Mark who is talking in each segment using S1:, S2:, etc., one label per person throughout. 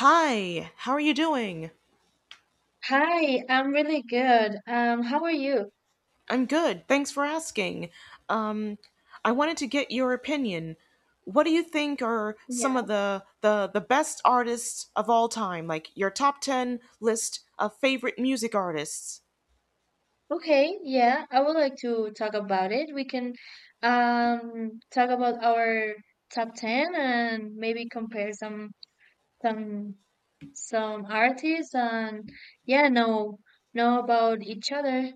S1: Hi, how are you doing?
S2: Hi, I'm really good. How are you?
S1: I'm good. Thanks for asking. Um, I wanted to get your opinion. What do you think are some of
S2: Yeah.
S1: the the best artists of all time? Like your top 10 list of favorite music artists?
S2: Okay, yeah, I would like to talk about it. We can talk about our top 10 and maybe compare some some artists and yeah, know about each other,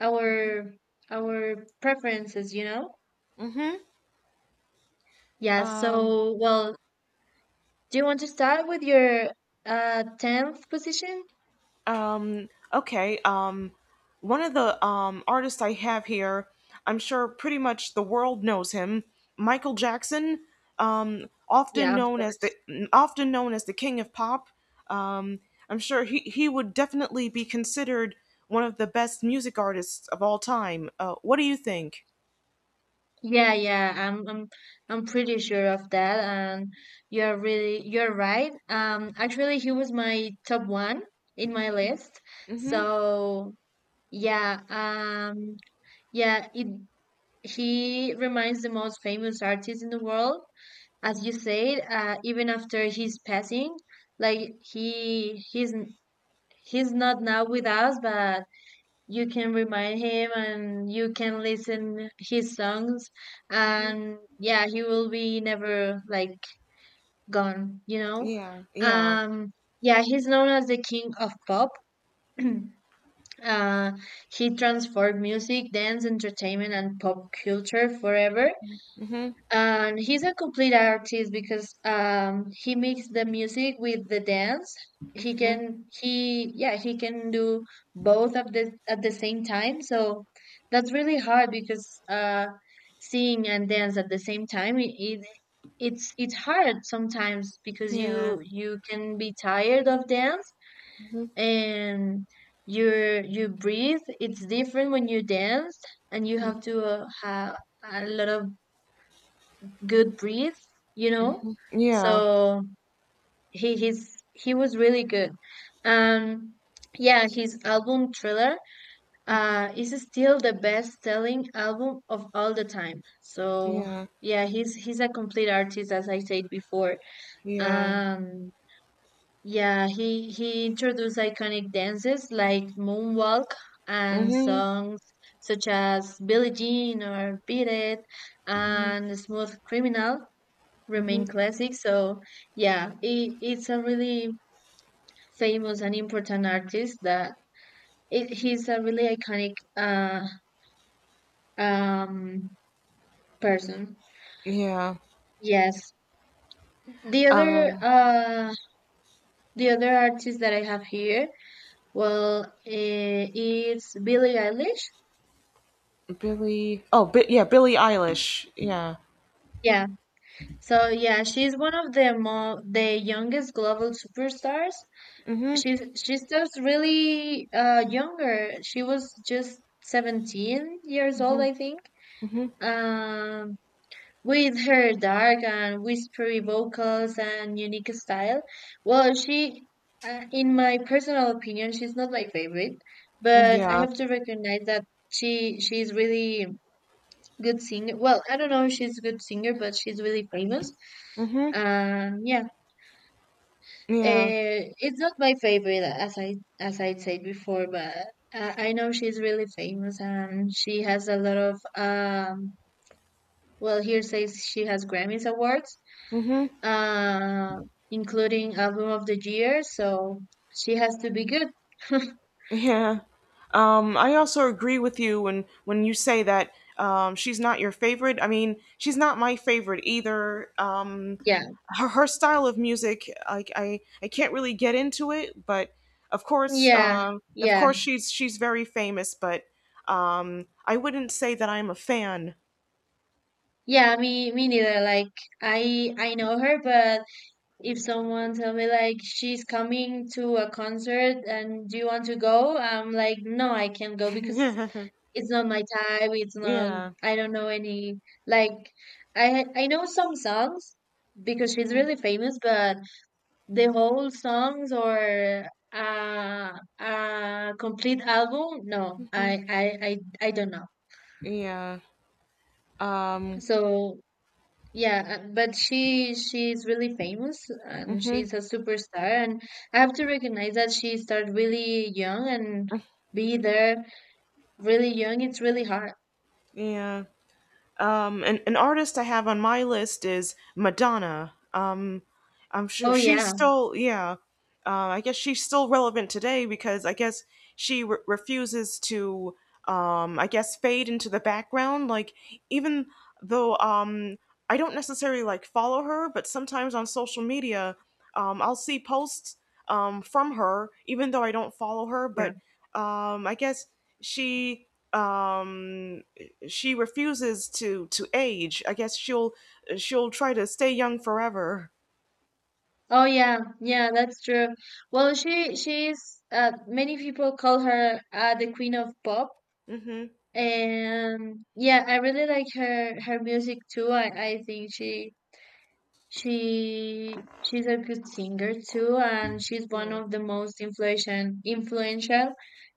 S2: our our preferences, you know?
S1: Mhm.
S2: Yeah,
S1: Um,
S2: so well, do you want to start with your 10th position?
S1: Okay. One of the artists I have here, I'm sure pretty much the world knows him, Michael Jackson, often
S2: Yeah, of
S1: known as
S2: course.
S1: the king of pop. Um, I'm sure he would definitely be considered one of the best music artists of all time. What do you think?
S2: Yeah, yeah, I'm pretty sure of that, and you're right. Actually, he was my top one in my list. So yeah, yeah, it he reminds the most famous artist in the world, as you said, even after his passing. Like he's not now with us, but you can remind him and you can listen his songs,
S1: Hmm.
S2: and yeah, he will be never like gone.
S1: Yeah, yeah.
S2: um yeah, he's known as the king of pop. uh he transformed music, dance, entertainment and pop culture forever.
S1: Hmm.
S2: And he's a complete artist because he makes the music with the dance.
S1: Hmm.
S2: He can do both of the at the same time. So that's really hard because sing and dance at the same time, it's hard sometimes because
S1: Yeah.
S2: you can be tired of dance.
S1: Hmm.
S2: And you breathe, it's different when you dance, and you have to have a lot of good breathe, you know.
S1: Yeah.
S2: So he was really good. Um yeah, his album Thriller is still the best selling album of all the time. So
S1: Yeah.
S2: yeah, he's a complete artist, as I said before.
S1: Yeah.
S2: Um yeah, he introduced iconic dances like moonwalk, and
S1: Hmm.
S2: songs such as Billie Jean or Beat It and Smooth Criminal
S1: Hmm.
S2: remain classic. So yeah, it's a really famous and important artist, that he's a really iconic um, person.
S1: Yeah.
S2: Yes. The other
S1: Um,
S2: uh, the other artist that I have here, well, it's Billie Eilish.
S1: Billy. Yeah, Billie Eilish. Yeah.
S2: Yeah. So yeah, she's one of the mo the youngest global superstars.
S1: Mhm.
S2: She's just really younger. She was just 17 years old,
S1: Mhm.
S2: I think.
S1: Mhm.
S2: Um, with her dark and whispery vocals and unique style, well, in my personal opinion, she's not my favorite, but I
S1: Yeah.
S2: have to recognize that she's really good singer. Well, I don't know if she's a good singer, but she's really famous.
S1: Mhm.
S2: Yeah,
S1: Yeah.
S2: it's not my favorite, as I said before, but I know she's really famous and she has a lot of Well, here says she has Grammys awards,
S1: Mhm.
S2: uh, including Album of the Year, so she has to be good.
S1: Yeah. I also agree with you when you say that she's not your favorite. I mean, she's not my favorite either.
S2: Yeah,
S1: Her style of music, I can't really get into it, but
S2: yeah,
S1: of
S2: yeah,
S1: course, she's very famous. But I wouldn't say that I'm a fan.
S2: yeah. Me neither. Like I know her, but if someone tell me like she's coming to a concert and do you want to go, I'm like, no, I can't go because it's not my type. It's
S1: Yeah.
S2: not.
S1: Yeah.
S2: I don't know any. Like I know some songs because she's really famous, but the whole songs or uh complete album? No, I
S1: Mm-hmm.
S2: I I, I don't know.
S1: Yeah. Um.
S2: So yeah, but she's really famous and
S1: Hmm.
S2: she's a superstar, and I have to recognize that she started really young and be there really young. It's really hard.
S1: Yeah. An artist I have on my list is Madonna. I'm sure
S2: Oh
S1: she's
S2: yeah,
S1: still, yeah. I guess she's still relevant today because I guess she refuses to, I guess, fade into the background. Like, even though I don't necessarily like follow her, but sometimes on social media, I'll see posts from her, even though I don't follow her.
S2: yeah.
S1: But I guess she um she refuses to age. I guess she'll try to stay young forever.
S2: Oh yeah, yeah, that's true. Well, she she's many people call her the queen of pop.
S1: Mhm.
S2: And yeah, I really like her music too. I think she's a good singer too, and she's one
S1: Yeah.
S2: of the most influential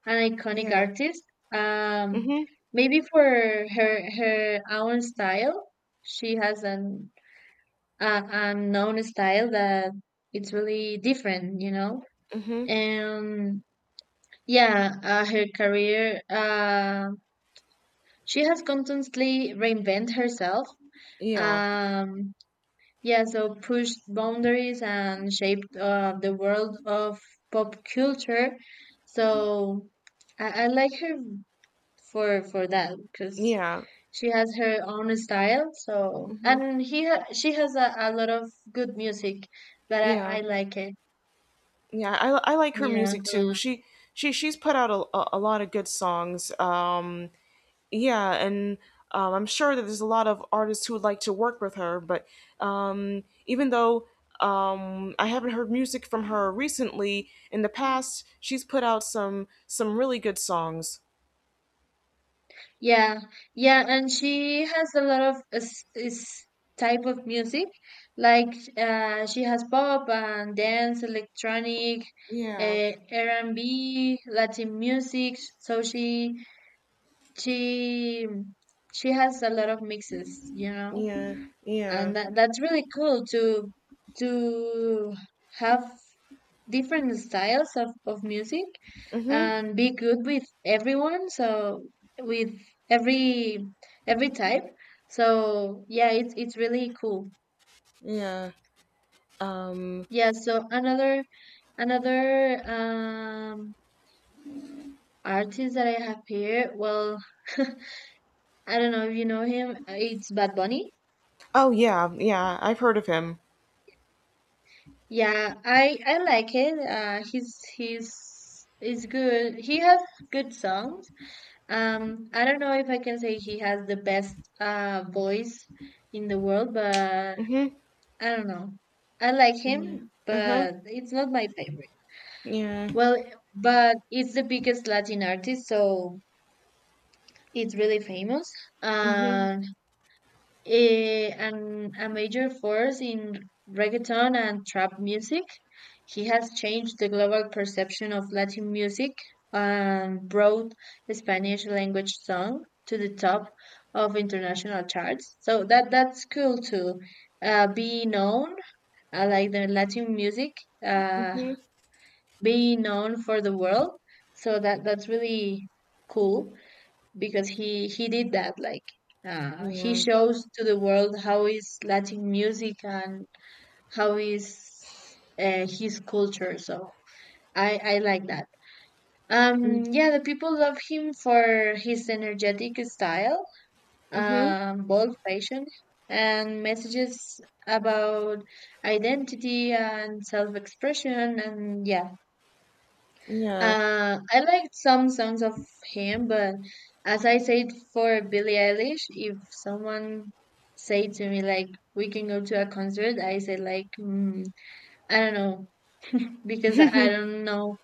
S2: and iconic
S1: Yeah.
S2: artists. um
S1: Mhm.
S2: Maybe for her own style, she has an unknown style that it's really different.
S1: Mhm.
S2: And yeah, her career she has constantly reinvented herself.
S1: Yeah.
S2: Um, yeah, so pushed boundaries and shaped the world of pop culture. So I like her for that because
S1: Yeah.
S2: she has her own style. So,
S1: Mhm.
S2: and he ha she has a lot of good music, but I,
S1: Yeah.
S2: I like it.
S1: Yeah. I like her
S2: Yeah.
S1: music too. She's put out a lot of good songs. Um. Yeah, and I'm sure that there's a lot of artists who would like to work with her, but even though I haven't heard music from her recently, in the past she's put out some really good songs.
S2: Yeah, yeah, and she has a lot of is type of music, like she has pop and dance, electronic,
S1: Yeah,
S2: uh, R&B, Latin music. So she she has a lot of mixes,
S1: yeah, yeah,
S2: and that's really cool to have different styles of music
S1: mhm,
S2: and be good with everyone, so with every every type, so yeah, it's really cool.
S1: yeah. Um,
S2: Yeah, so another artist that I have here, well, I don't know if you know him, it's Bad Bunny.
S1: oh yeah, yeah, I've heard of him.
S2: Yeah, I like it. He's good. He has good songs. I don't know if I can say he has the best voice in the world, but
S1: Mhm,
S2: I don't know. I like
S1: yeah,
S2: him,
S1: mhm,
S2: but it's not my favorite.
S1: yeah,
S2: Well, but it's the biggest Latin artist, so it's really famous
S1: mhm,
S2: and and a major force in reggaeton and trap music. He has changed the global perception of Latin music and brought the Spanish language song to the top of international charts. So that's cool to be known, like the Latin music, uh,
S1: mhm,
S2: being known for the world. So that's really cool because he did that. Like he
S1: yeah,
S2: shows to the world how is Latin music and how is his culture. So I like that. Yeah, the people love him for his energetic style,
S1: mhm,
S2: bold fashion and messages about identity and self-expression. And yeah,
S1: yeah,
S2: I liked some songs of him, but as I said for Billie Eilish, if someone say to me like we can go to a concert, I say like, I don't know. Because I don't know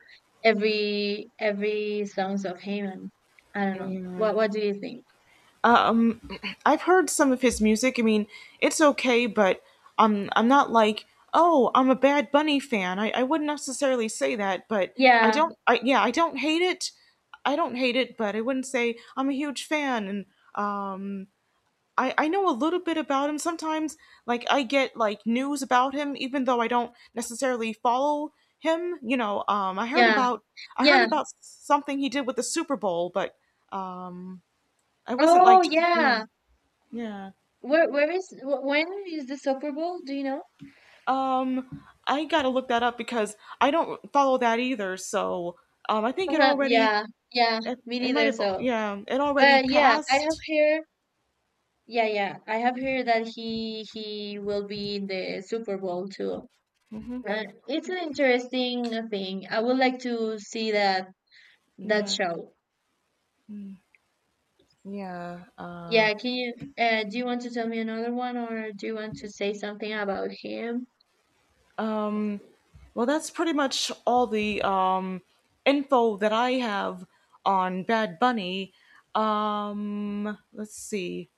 S2: every songs of him, and I don't know
S1: yeah.
S2: what do you think.
S1: Um, I've heard some of his music. I mean, it's okay, but I'm not like, oh, I'm a Bad Bunny fan. I wouldn't necessarily say that, but I
S2: Yeah,
S1: don't. I yeah, I don't hate it. I don't hate it, but I wouldn't say I'm a huge fan. And um, I know a little bit about him. Sometimes, like I get like news about him, even though I don't necessarily follow him. You know,
S2: yeah,
S1: I heard
S2: yeah.
S1: about something he did with the Super Bowl, but um, I wasn't
S2: Oh
S1: like yeah.
S2: yeah.
S1: Yeah.
S2: Where when is the Super Bowl? Do you know?
S1: I gotta look that up because I don't follow that either. So, I think it
S2: Uh-huh.
S1: already
S2: Yeah, yeah,
S1: it,
S2: me
S1: it might
S2: neither,
S1: have
S2: so.
S1: yeah it already
S2: But yeah, I have
S1: passed.
S2: heard yeah, yeah. I have heard that he will be in the Super Bowl too.
S1: Hmm.
S2: It's an interesting thing. I would like to see that
S1: Yeah.
S2: show.
S1: Yeah.
S2: Yeah, can you do you want to tell me another one, or do you want to say something about him?
S1: Um. Well, that's pretty much all the info that I have on Bad Bunny. Let's see.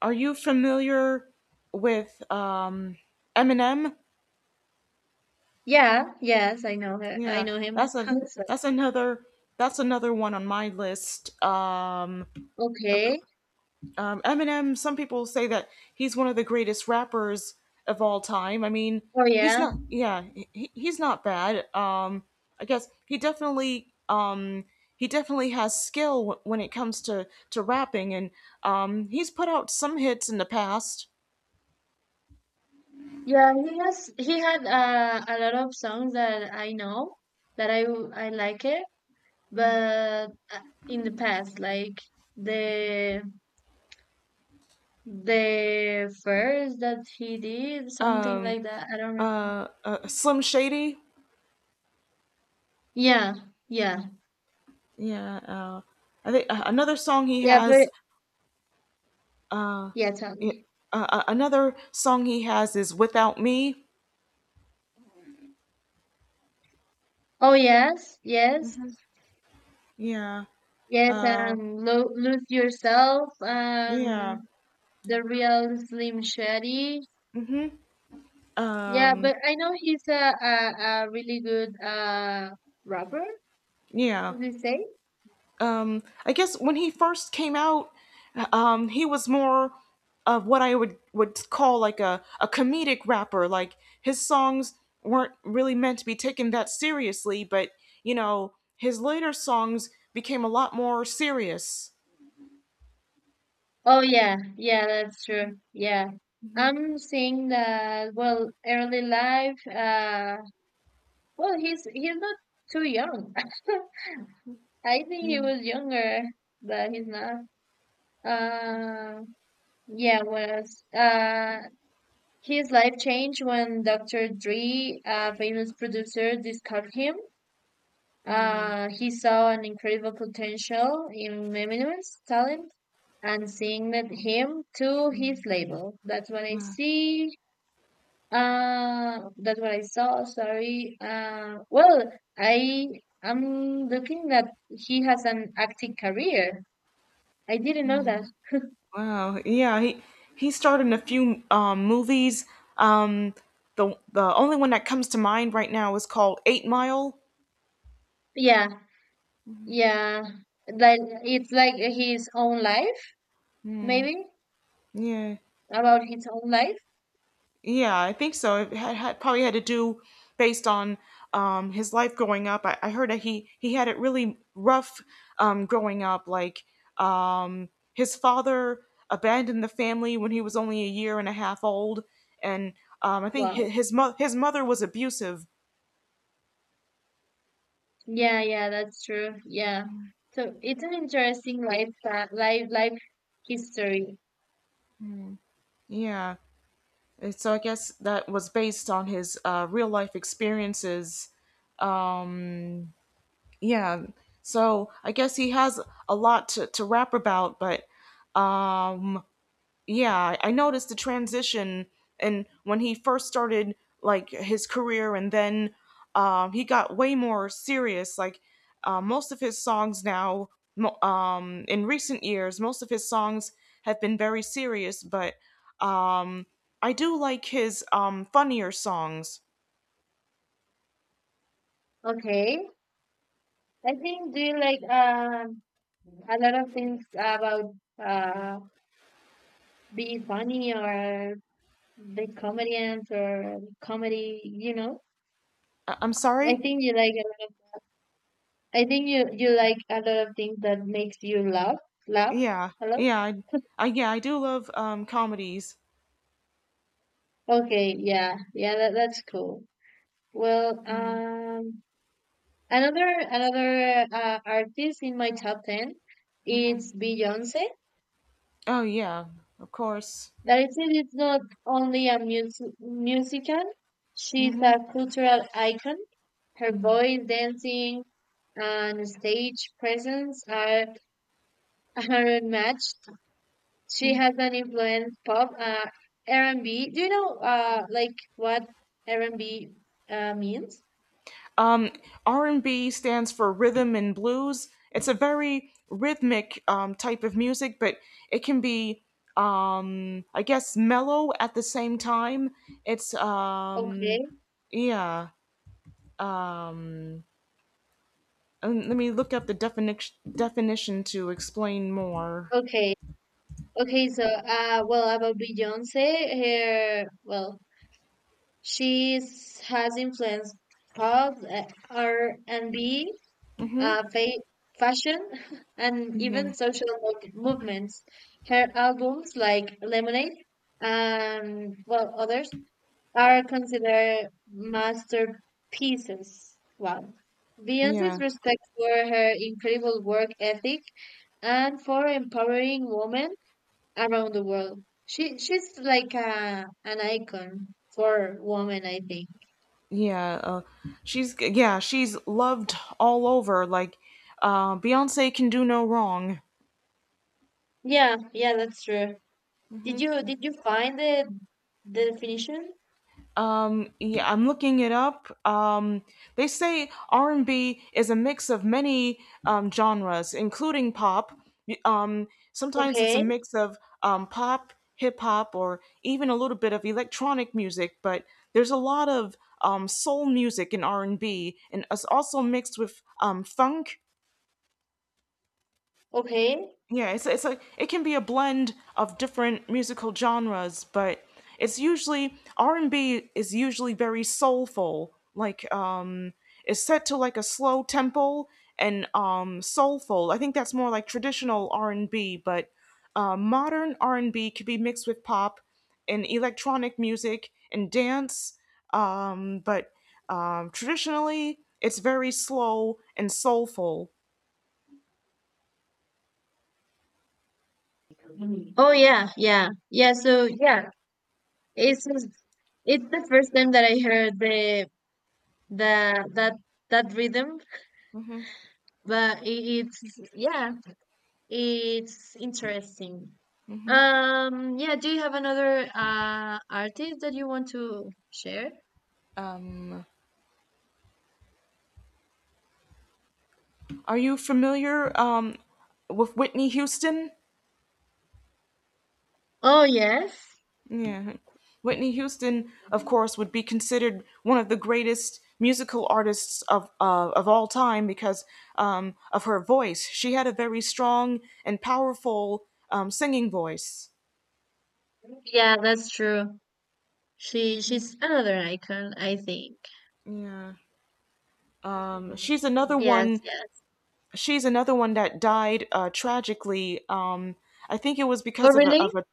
S1: Are you familiar with Eminem?
S2: Yeah, yes, I know her. I
S1: Yeah,
S2: know him.
S1: that's a
S2: So-
S1: that's another that's another one on my list. Ok-
S2: okay.
S1: Eminem. Some people say that he's one of the greatest rappers of all time. I mean,
S2: Oh
S1: he's
S2: yeah.
S1: not. Yeah, he's not bad. I guess he definitely has skill when it comes to rapping, and he's put out some hits in the past.
S2: Yeah, he had a lot of songs that I know, that I like it, but in the past, like the the first that he did something
S1: Um,
S2: like that, I don't remember.
S1: Slim Shady.
S2: Yeah, yeah,
S1: Yeah. I think another song he
S2: yeah,
S1: has
S2: but yeah, tell
S1: yeah,
S2: me.
S1: Another song he has is "Without Me."
S2: Oh yes, yes,
S1: Yeah,
S2: yes, and Lo Lose Yourself,
S1: yeah,
S2: the real Slim Shady. Yeah,
S1: um,
S2: but I know he's a really good rapper.
S1: yeah.
S2: Would you say?
S1: I guess when he first came out, he was more of what I would call like a comedic rapper. Like his songs weren't really meant to be taken that seriously, but you know, his later songs became a lot more serious.
S2: Oh yeah, yeah, that's true. Yeah.
S1: Mhm.
S2: I'm seeing that, well, early life, well, he's not too young. I think he was younger, but he's not. Uh yeah, was his life changed when Dr. Dre, a famous producer, discovered him.
S1: Yeah.
S2: He saw an incredible potential in Eminem's talent and signed him to his label. That's what I
S1: Uh,
S2: see. That's what I saw. Sorry. Well, I am looking that he has an acting career. I didn't know that.
S1: wow. Yeah, he starred in a few movies. Um, the only one that comes to mind right now is called Eight Mile.
S2: Yeah, yeah. Like it's like his own life, maybe
S1: Yeah,
S2: about his own life.
S1: yeah, I think so. It had, had probably had to do based on his life growing up. I heard that he had it really rough growing up. Like his father abandoned the family when he was only a year and a half old, and I think his
S2: Wow.
S1: his mother was abusive.
S2: Yeah, yeah, that's true. Yeah. So it's an interesting life fa- life life history.
S1: Yeah. So I guess that was based on his real life experiences. Yeah. So I guess he has a lot to rap about, but mm, yeah, I noticed the transition and when he first started like his career, and then he got way more serious. Like most of his songs now, in recent years, most of his songs have been very serious, but um, I do like his funnier songs.
S2: Okay. I think, do you like a lot of things about uh being funny or the comedians or comedy, you know?
S1: I'm
S2: I
S1: sorry.
S2: think you like a lot of I think you like a lot of things that makes you laugh
S1: Yeah,
S2: a lot.
S1: yeah, I yeah, I do love comedies.
S2: Okay, yeah. Yeah, that's cool. Well, another artist in my top 10
S1: Mm-hmm.
S2: is Beyonce.
S1: Oh yeah, of course.
S2: It is not only a musician; she's
S1: Mm-hmm.
S2: a cultural icon. Her voice, dancing, and stage presence are unmatched. She has an influence pop, R&B. Do you know like what R&B means?
S1: Um, R and B stands for rhythm and blues. It's a very rhythmic type of music, but it can be, I guess, mellow at the same time. It's
S2: Okay,
S1: yeah. Let me look up the definition to explain more.
S2: okay. Okay, so well about Beyonce, her well She is- has influenced pop, R&B,
S1: Mm-hmm.
S2: uh, fa- fashion, and
S1: Yeah,
S2: even social movements. Her albums, like Lemonade and well others, are considered masterpieces. Wow.
S1: yeah.
S2: Beyonce's respect for her incredible work ethic and for empowering women around the world. She's like an icon for women, I think.
S1: Yeah, she's yeah, she's loved all over. Like, Beyonce can do no wrong.
S2: Yeah, yeah, that's true. Did
S1: Hmm.
S2: you did you find the definition?
S1: Yeah, I'm looking it up. They say R&B is a mix of many genres, including pop. Sometimes it's a
S2: Okay,
S1: mix of pop, hip hop, or even a little bit of electronic music. But there's a lot of soul music in R&B, and B, and it's also mixed with funk.
S2: okay.
S1: Yeah, it's like it can be a blend of different musical genres, but it's usually R and B is usually very soulful. Like it's set to like a slow tempo and soulful. I think that's more like traditional R and B, but modern R and B could be mixed with pop and electronic music and dance. But traditionally, it's very slow and soulful.
S2: Oh yeah, yeah, yeah. So yeah, it's just- it's the first time that I heard the that that rhythm, but yeah, it's interesting. Yeah. Do you have another artist that you want to share?
S1: Are you familiar with Whitney Houston?
S2: Oh yes,
S1: Yeah. Whitney Houston, of course, would be considered one of the greatest musical artists of all time because of her voice. She had a very strong and powerful singing voice.
S2: yeah, that's true. She's another icon, I think.
S1: Yeah. She's another
S2: Yes,
S1: one.
S2: yes.
S1: She's another one that died tragically. I think it was
S2: Oh,
S1: because of a. Of
S2: really?
S1: a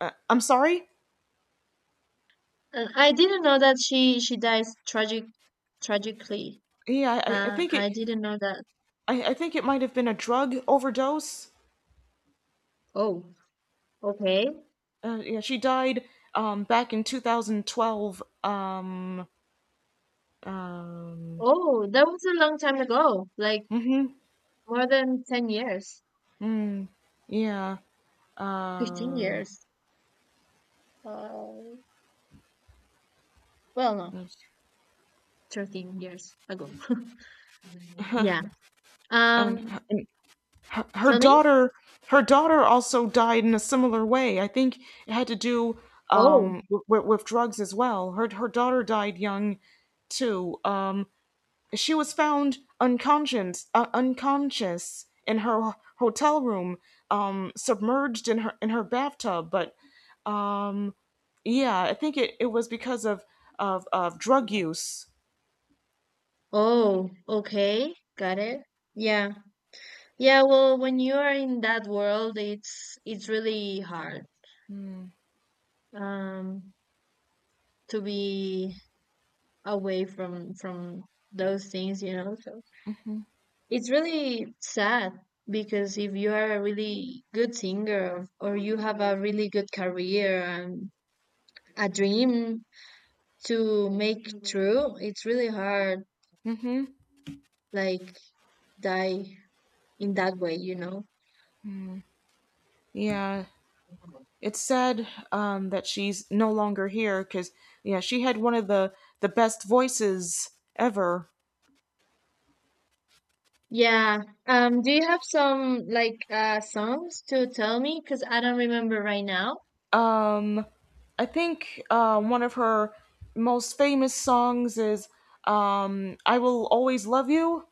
S1: I'm sorry.
S2: I didn't know that she dies tragically.
S1: Yeah,
S2: Uh, I didn't know that.
S1: I think it might have been a drug overdose.
S2: Oh, okay.
S1: Yeah, she died back in 2012.
S2: Oh, that was a long time ago. Like more than 10 years,
S1: Yeah.
S2: 15
S1: Uh,
S2: years. Uh, well, no, 13 years ago. Yeah.
S1: and her
S2: Um,
S1: her
S2: tell me.
S1: daughter, her daughter also died in a similar way. I think it had to do
S2: Oh,
S1: um with drugs as well. Her daughter died young too. She was found unconscious, unconscious in her hotel room, submerged in her bathtub. But yeah, I think it was because of of drug use.
S2: oh, okay. Got it. Yeah. Yeah, well, when you are in that world, it's really hard um to be away from those things. So it's really sad because if you are a really good singer or you have a really good career and a dream to make true, it's really hard
S1: Mm-hmm.
S2: like die in that way.
S1: Yeah, it's sad that she's no longer here because yeah, she had one of the best voices ever.
S2: Yeah. Do you have some like songs to tell me? Because I don't remember right now.
S1: Um, I think one of her most famous songs is "I Will Always Love You."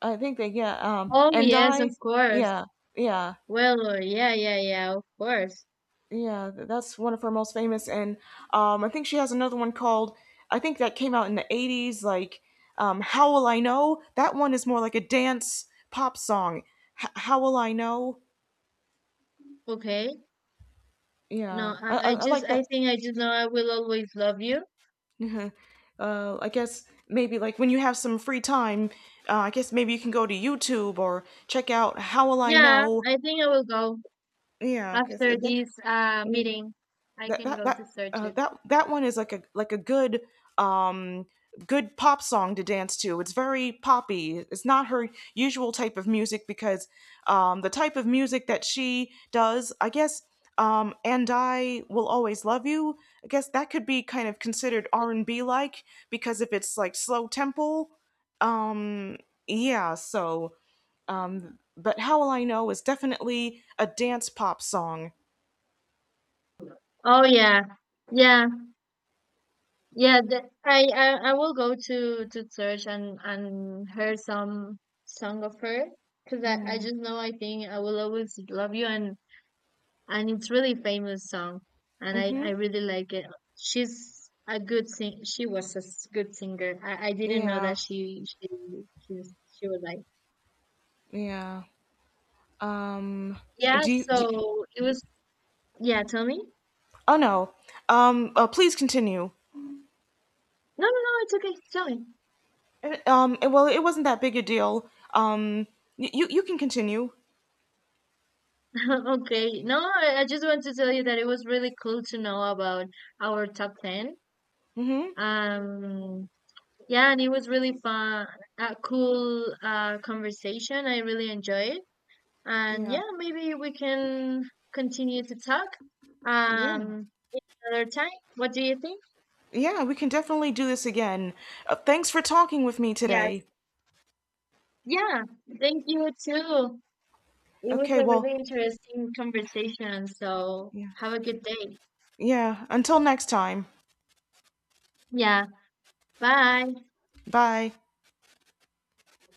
S1: I think that yeah,
S2: Oh
S1: and
S2: yes,
S1: I
S2: of course.
S1: yeah. Yeah.
S2: Well, yeah, yeah, yeah, of course.
S1: Yeah, that's one of her most famous, and I think she has another one called. I think that came out in the '80s, like "How Will I Know." That one is more like a dance pop song. "How Will I Know."
S2: Okay. No,
S1: Yeah, I like
S2: I
S1: that.
S2: think I just know I will always love you.
S1: I guess maybe like when you have some free time, I guess maybe you can go to YouTube or check out "How Will I
S2: Yeah,
S1: Know."
S2: I think I will go
S1: Yeah, because
S2: after this meeting. I can go to search it.
S1: that one is like a good um good pop song to dance to. It's very poppy. It's not her usual type of music because the type of music that she does, I guess and I will always love you. I guess that could be kind of considered R&B like because if it's like slow tempo, yeah, so but how will I know is definitely a dance pop song.
S2: Oh yeah. Yeah. Yeah, the, I will go to search and hear some song of her because I just know I think I will always love you, and it's really famous song, and I
S1: Mhm.
S2: really like it. She was a good singer. I didn't know
S1: Yeah.
S2: that she was like,
S1: Yeah. Um,
S2: yeah.
S1: do you,
S2: So it was yeah. Tell me.
S1: oh no. Please continue.
S2: No, no, no. It's okay. Tell me.
S1: Well, it wasn't that big a deal. You you can continue.
S2: Okay. No, I just want to tell you that it was really cool to know about our top 10. Um, yeah, and it was really fun, a cool conversation. I really enjoy it. And
S1: Yeah.
S2: yeah, maybe we can continue to talk
S1: Yeah.
S2: um, another time. What do you think?
S1: Yeah, we can definitely do this again. Thanks for talking with me
S2: Yes.
S1: today.
S2: Yeah, thank you too. It was
S1: Okay,
S2: a
S1: well,
S2: really interesting conversation. So
S1: yeah.
S2: have a good day.
S1: Yeah, until next time.
S2: Yeah, bye.
S1: Bye.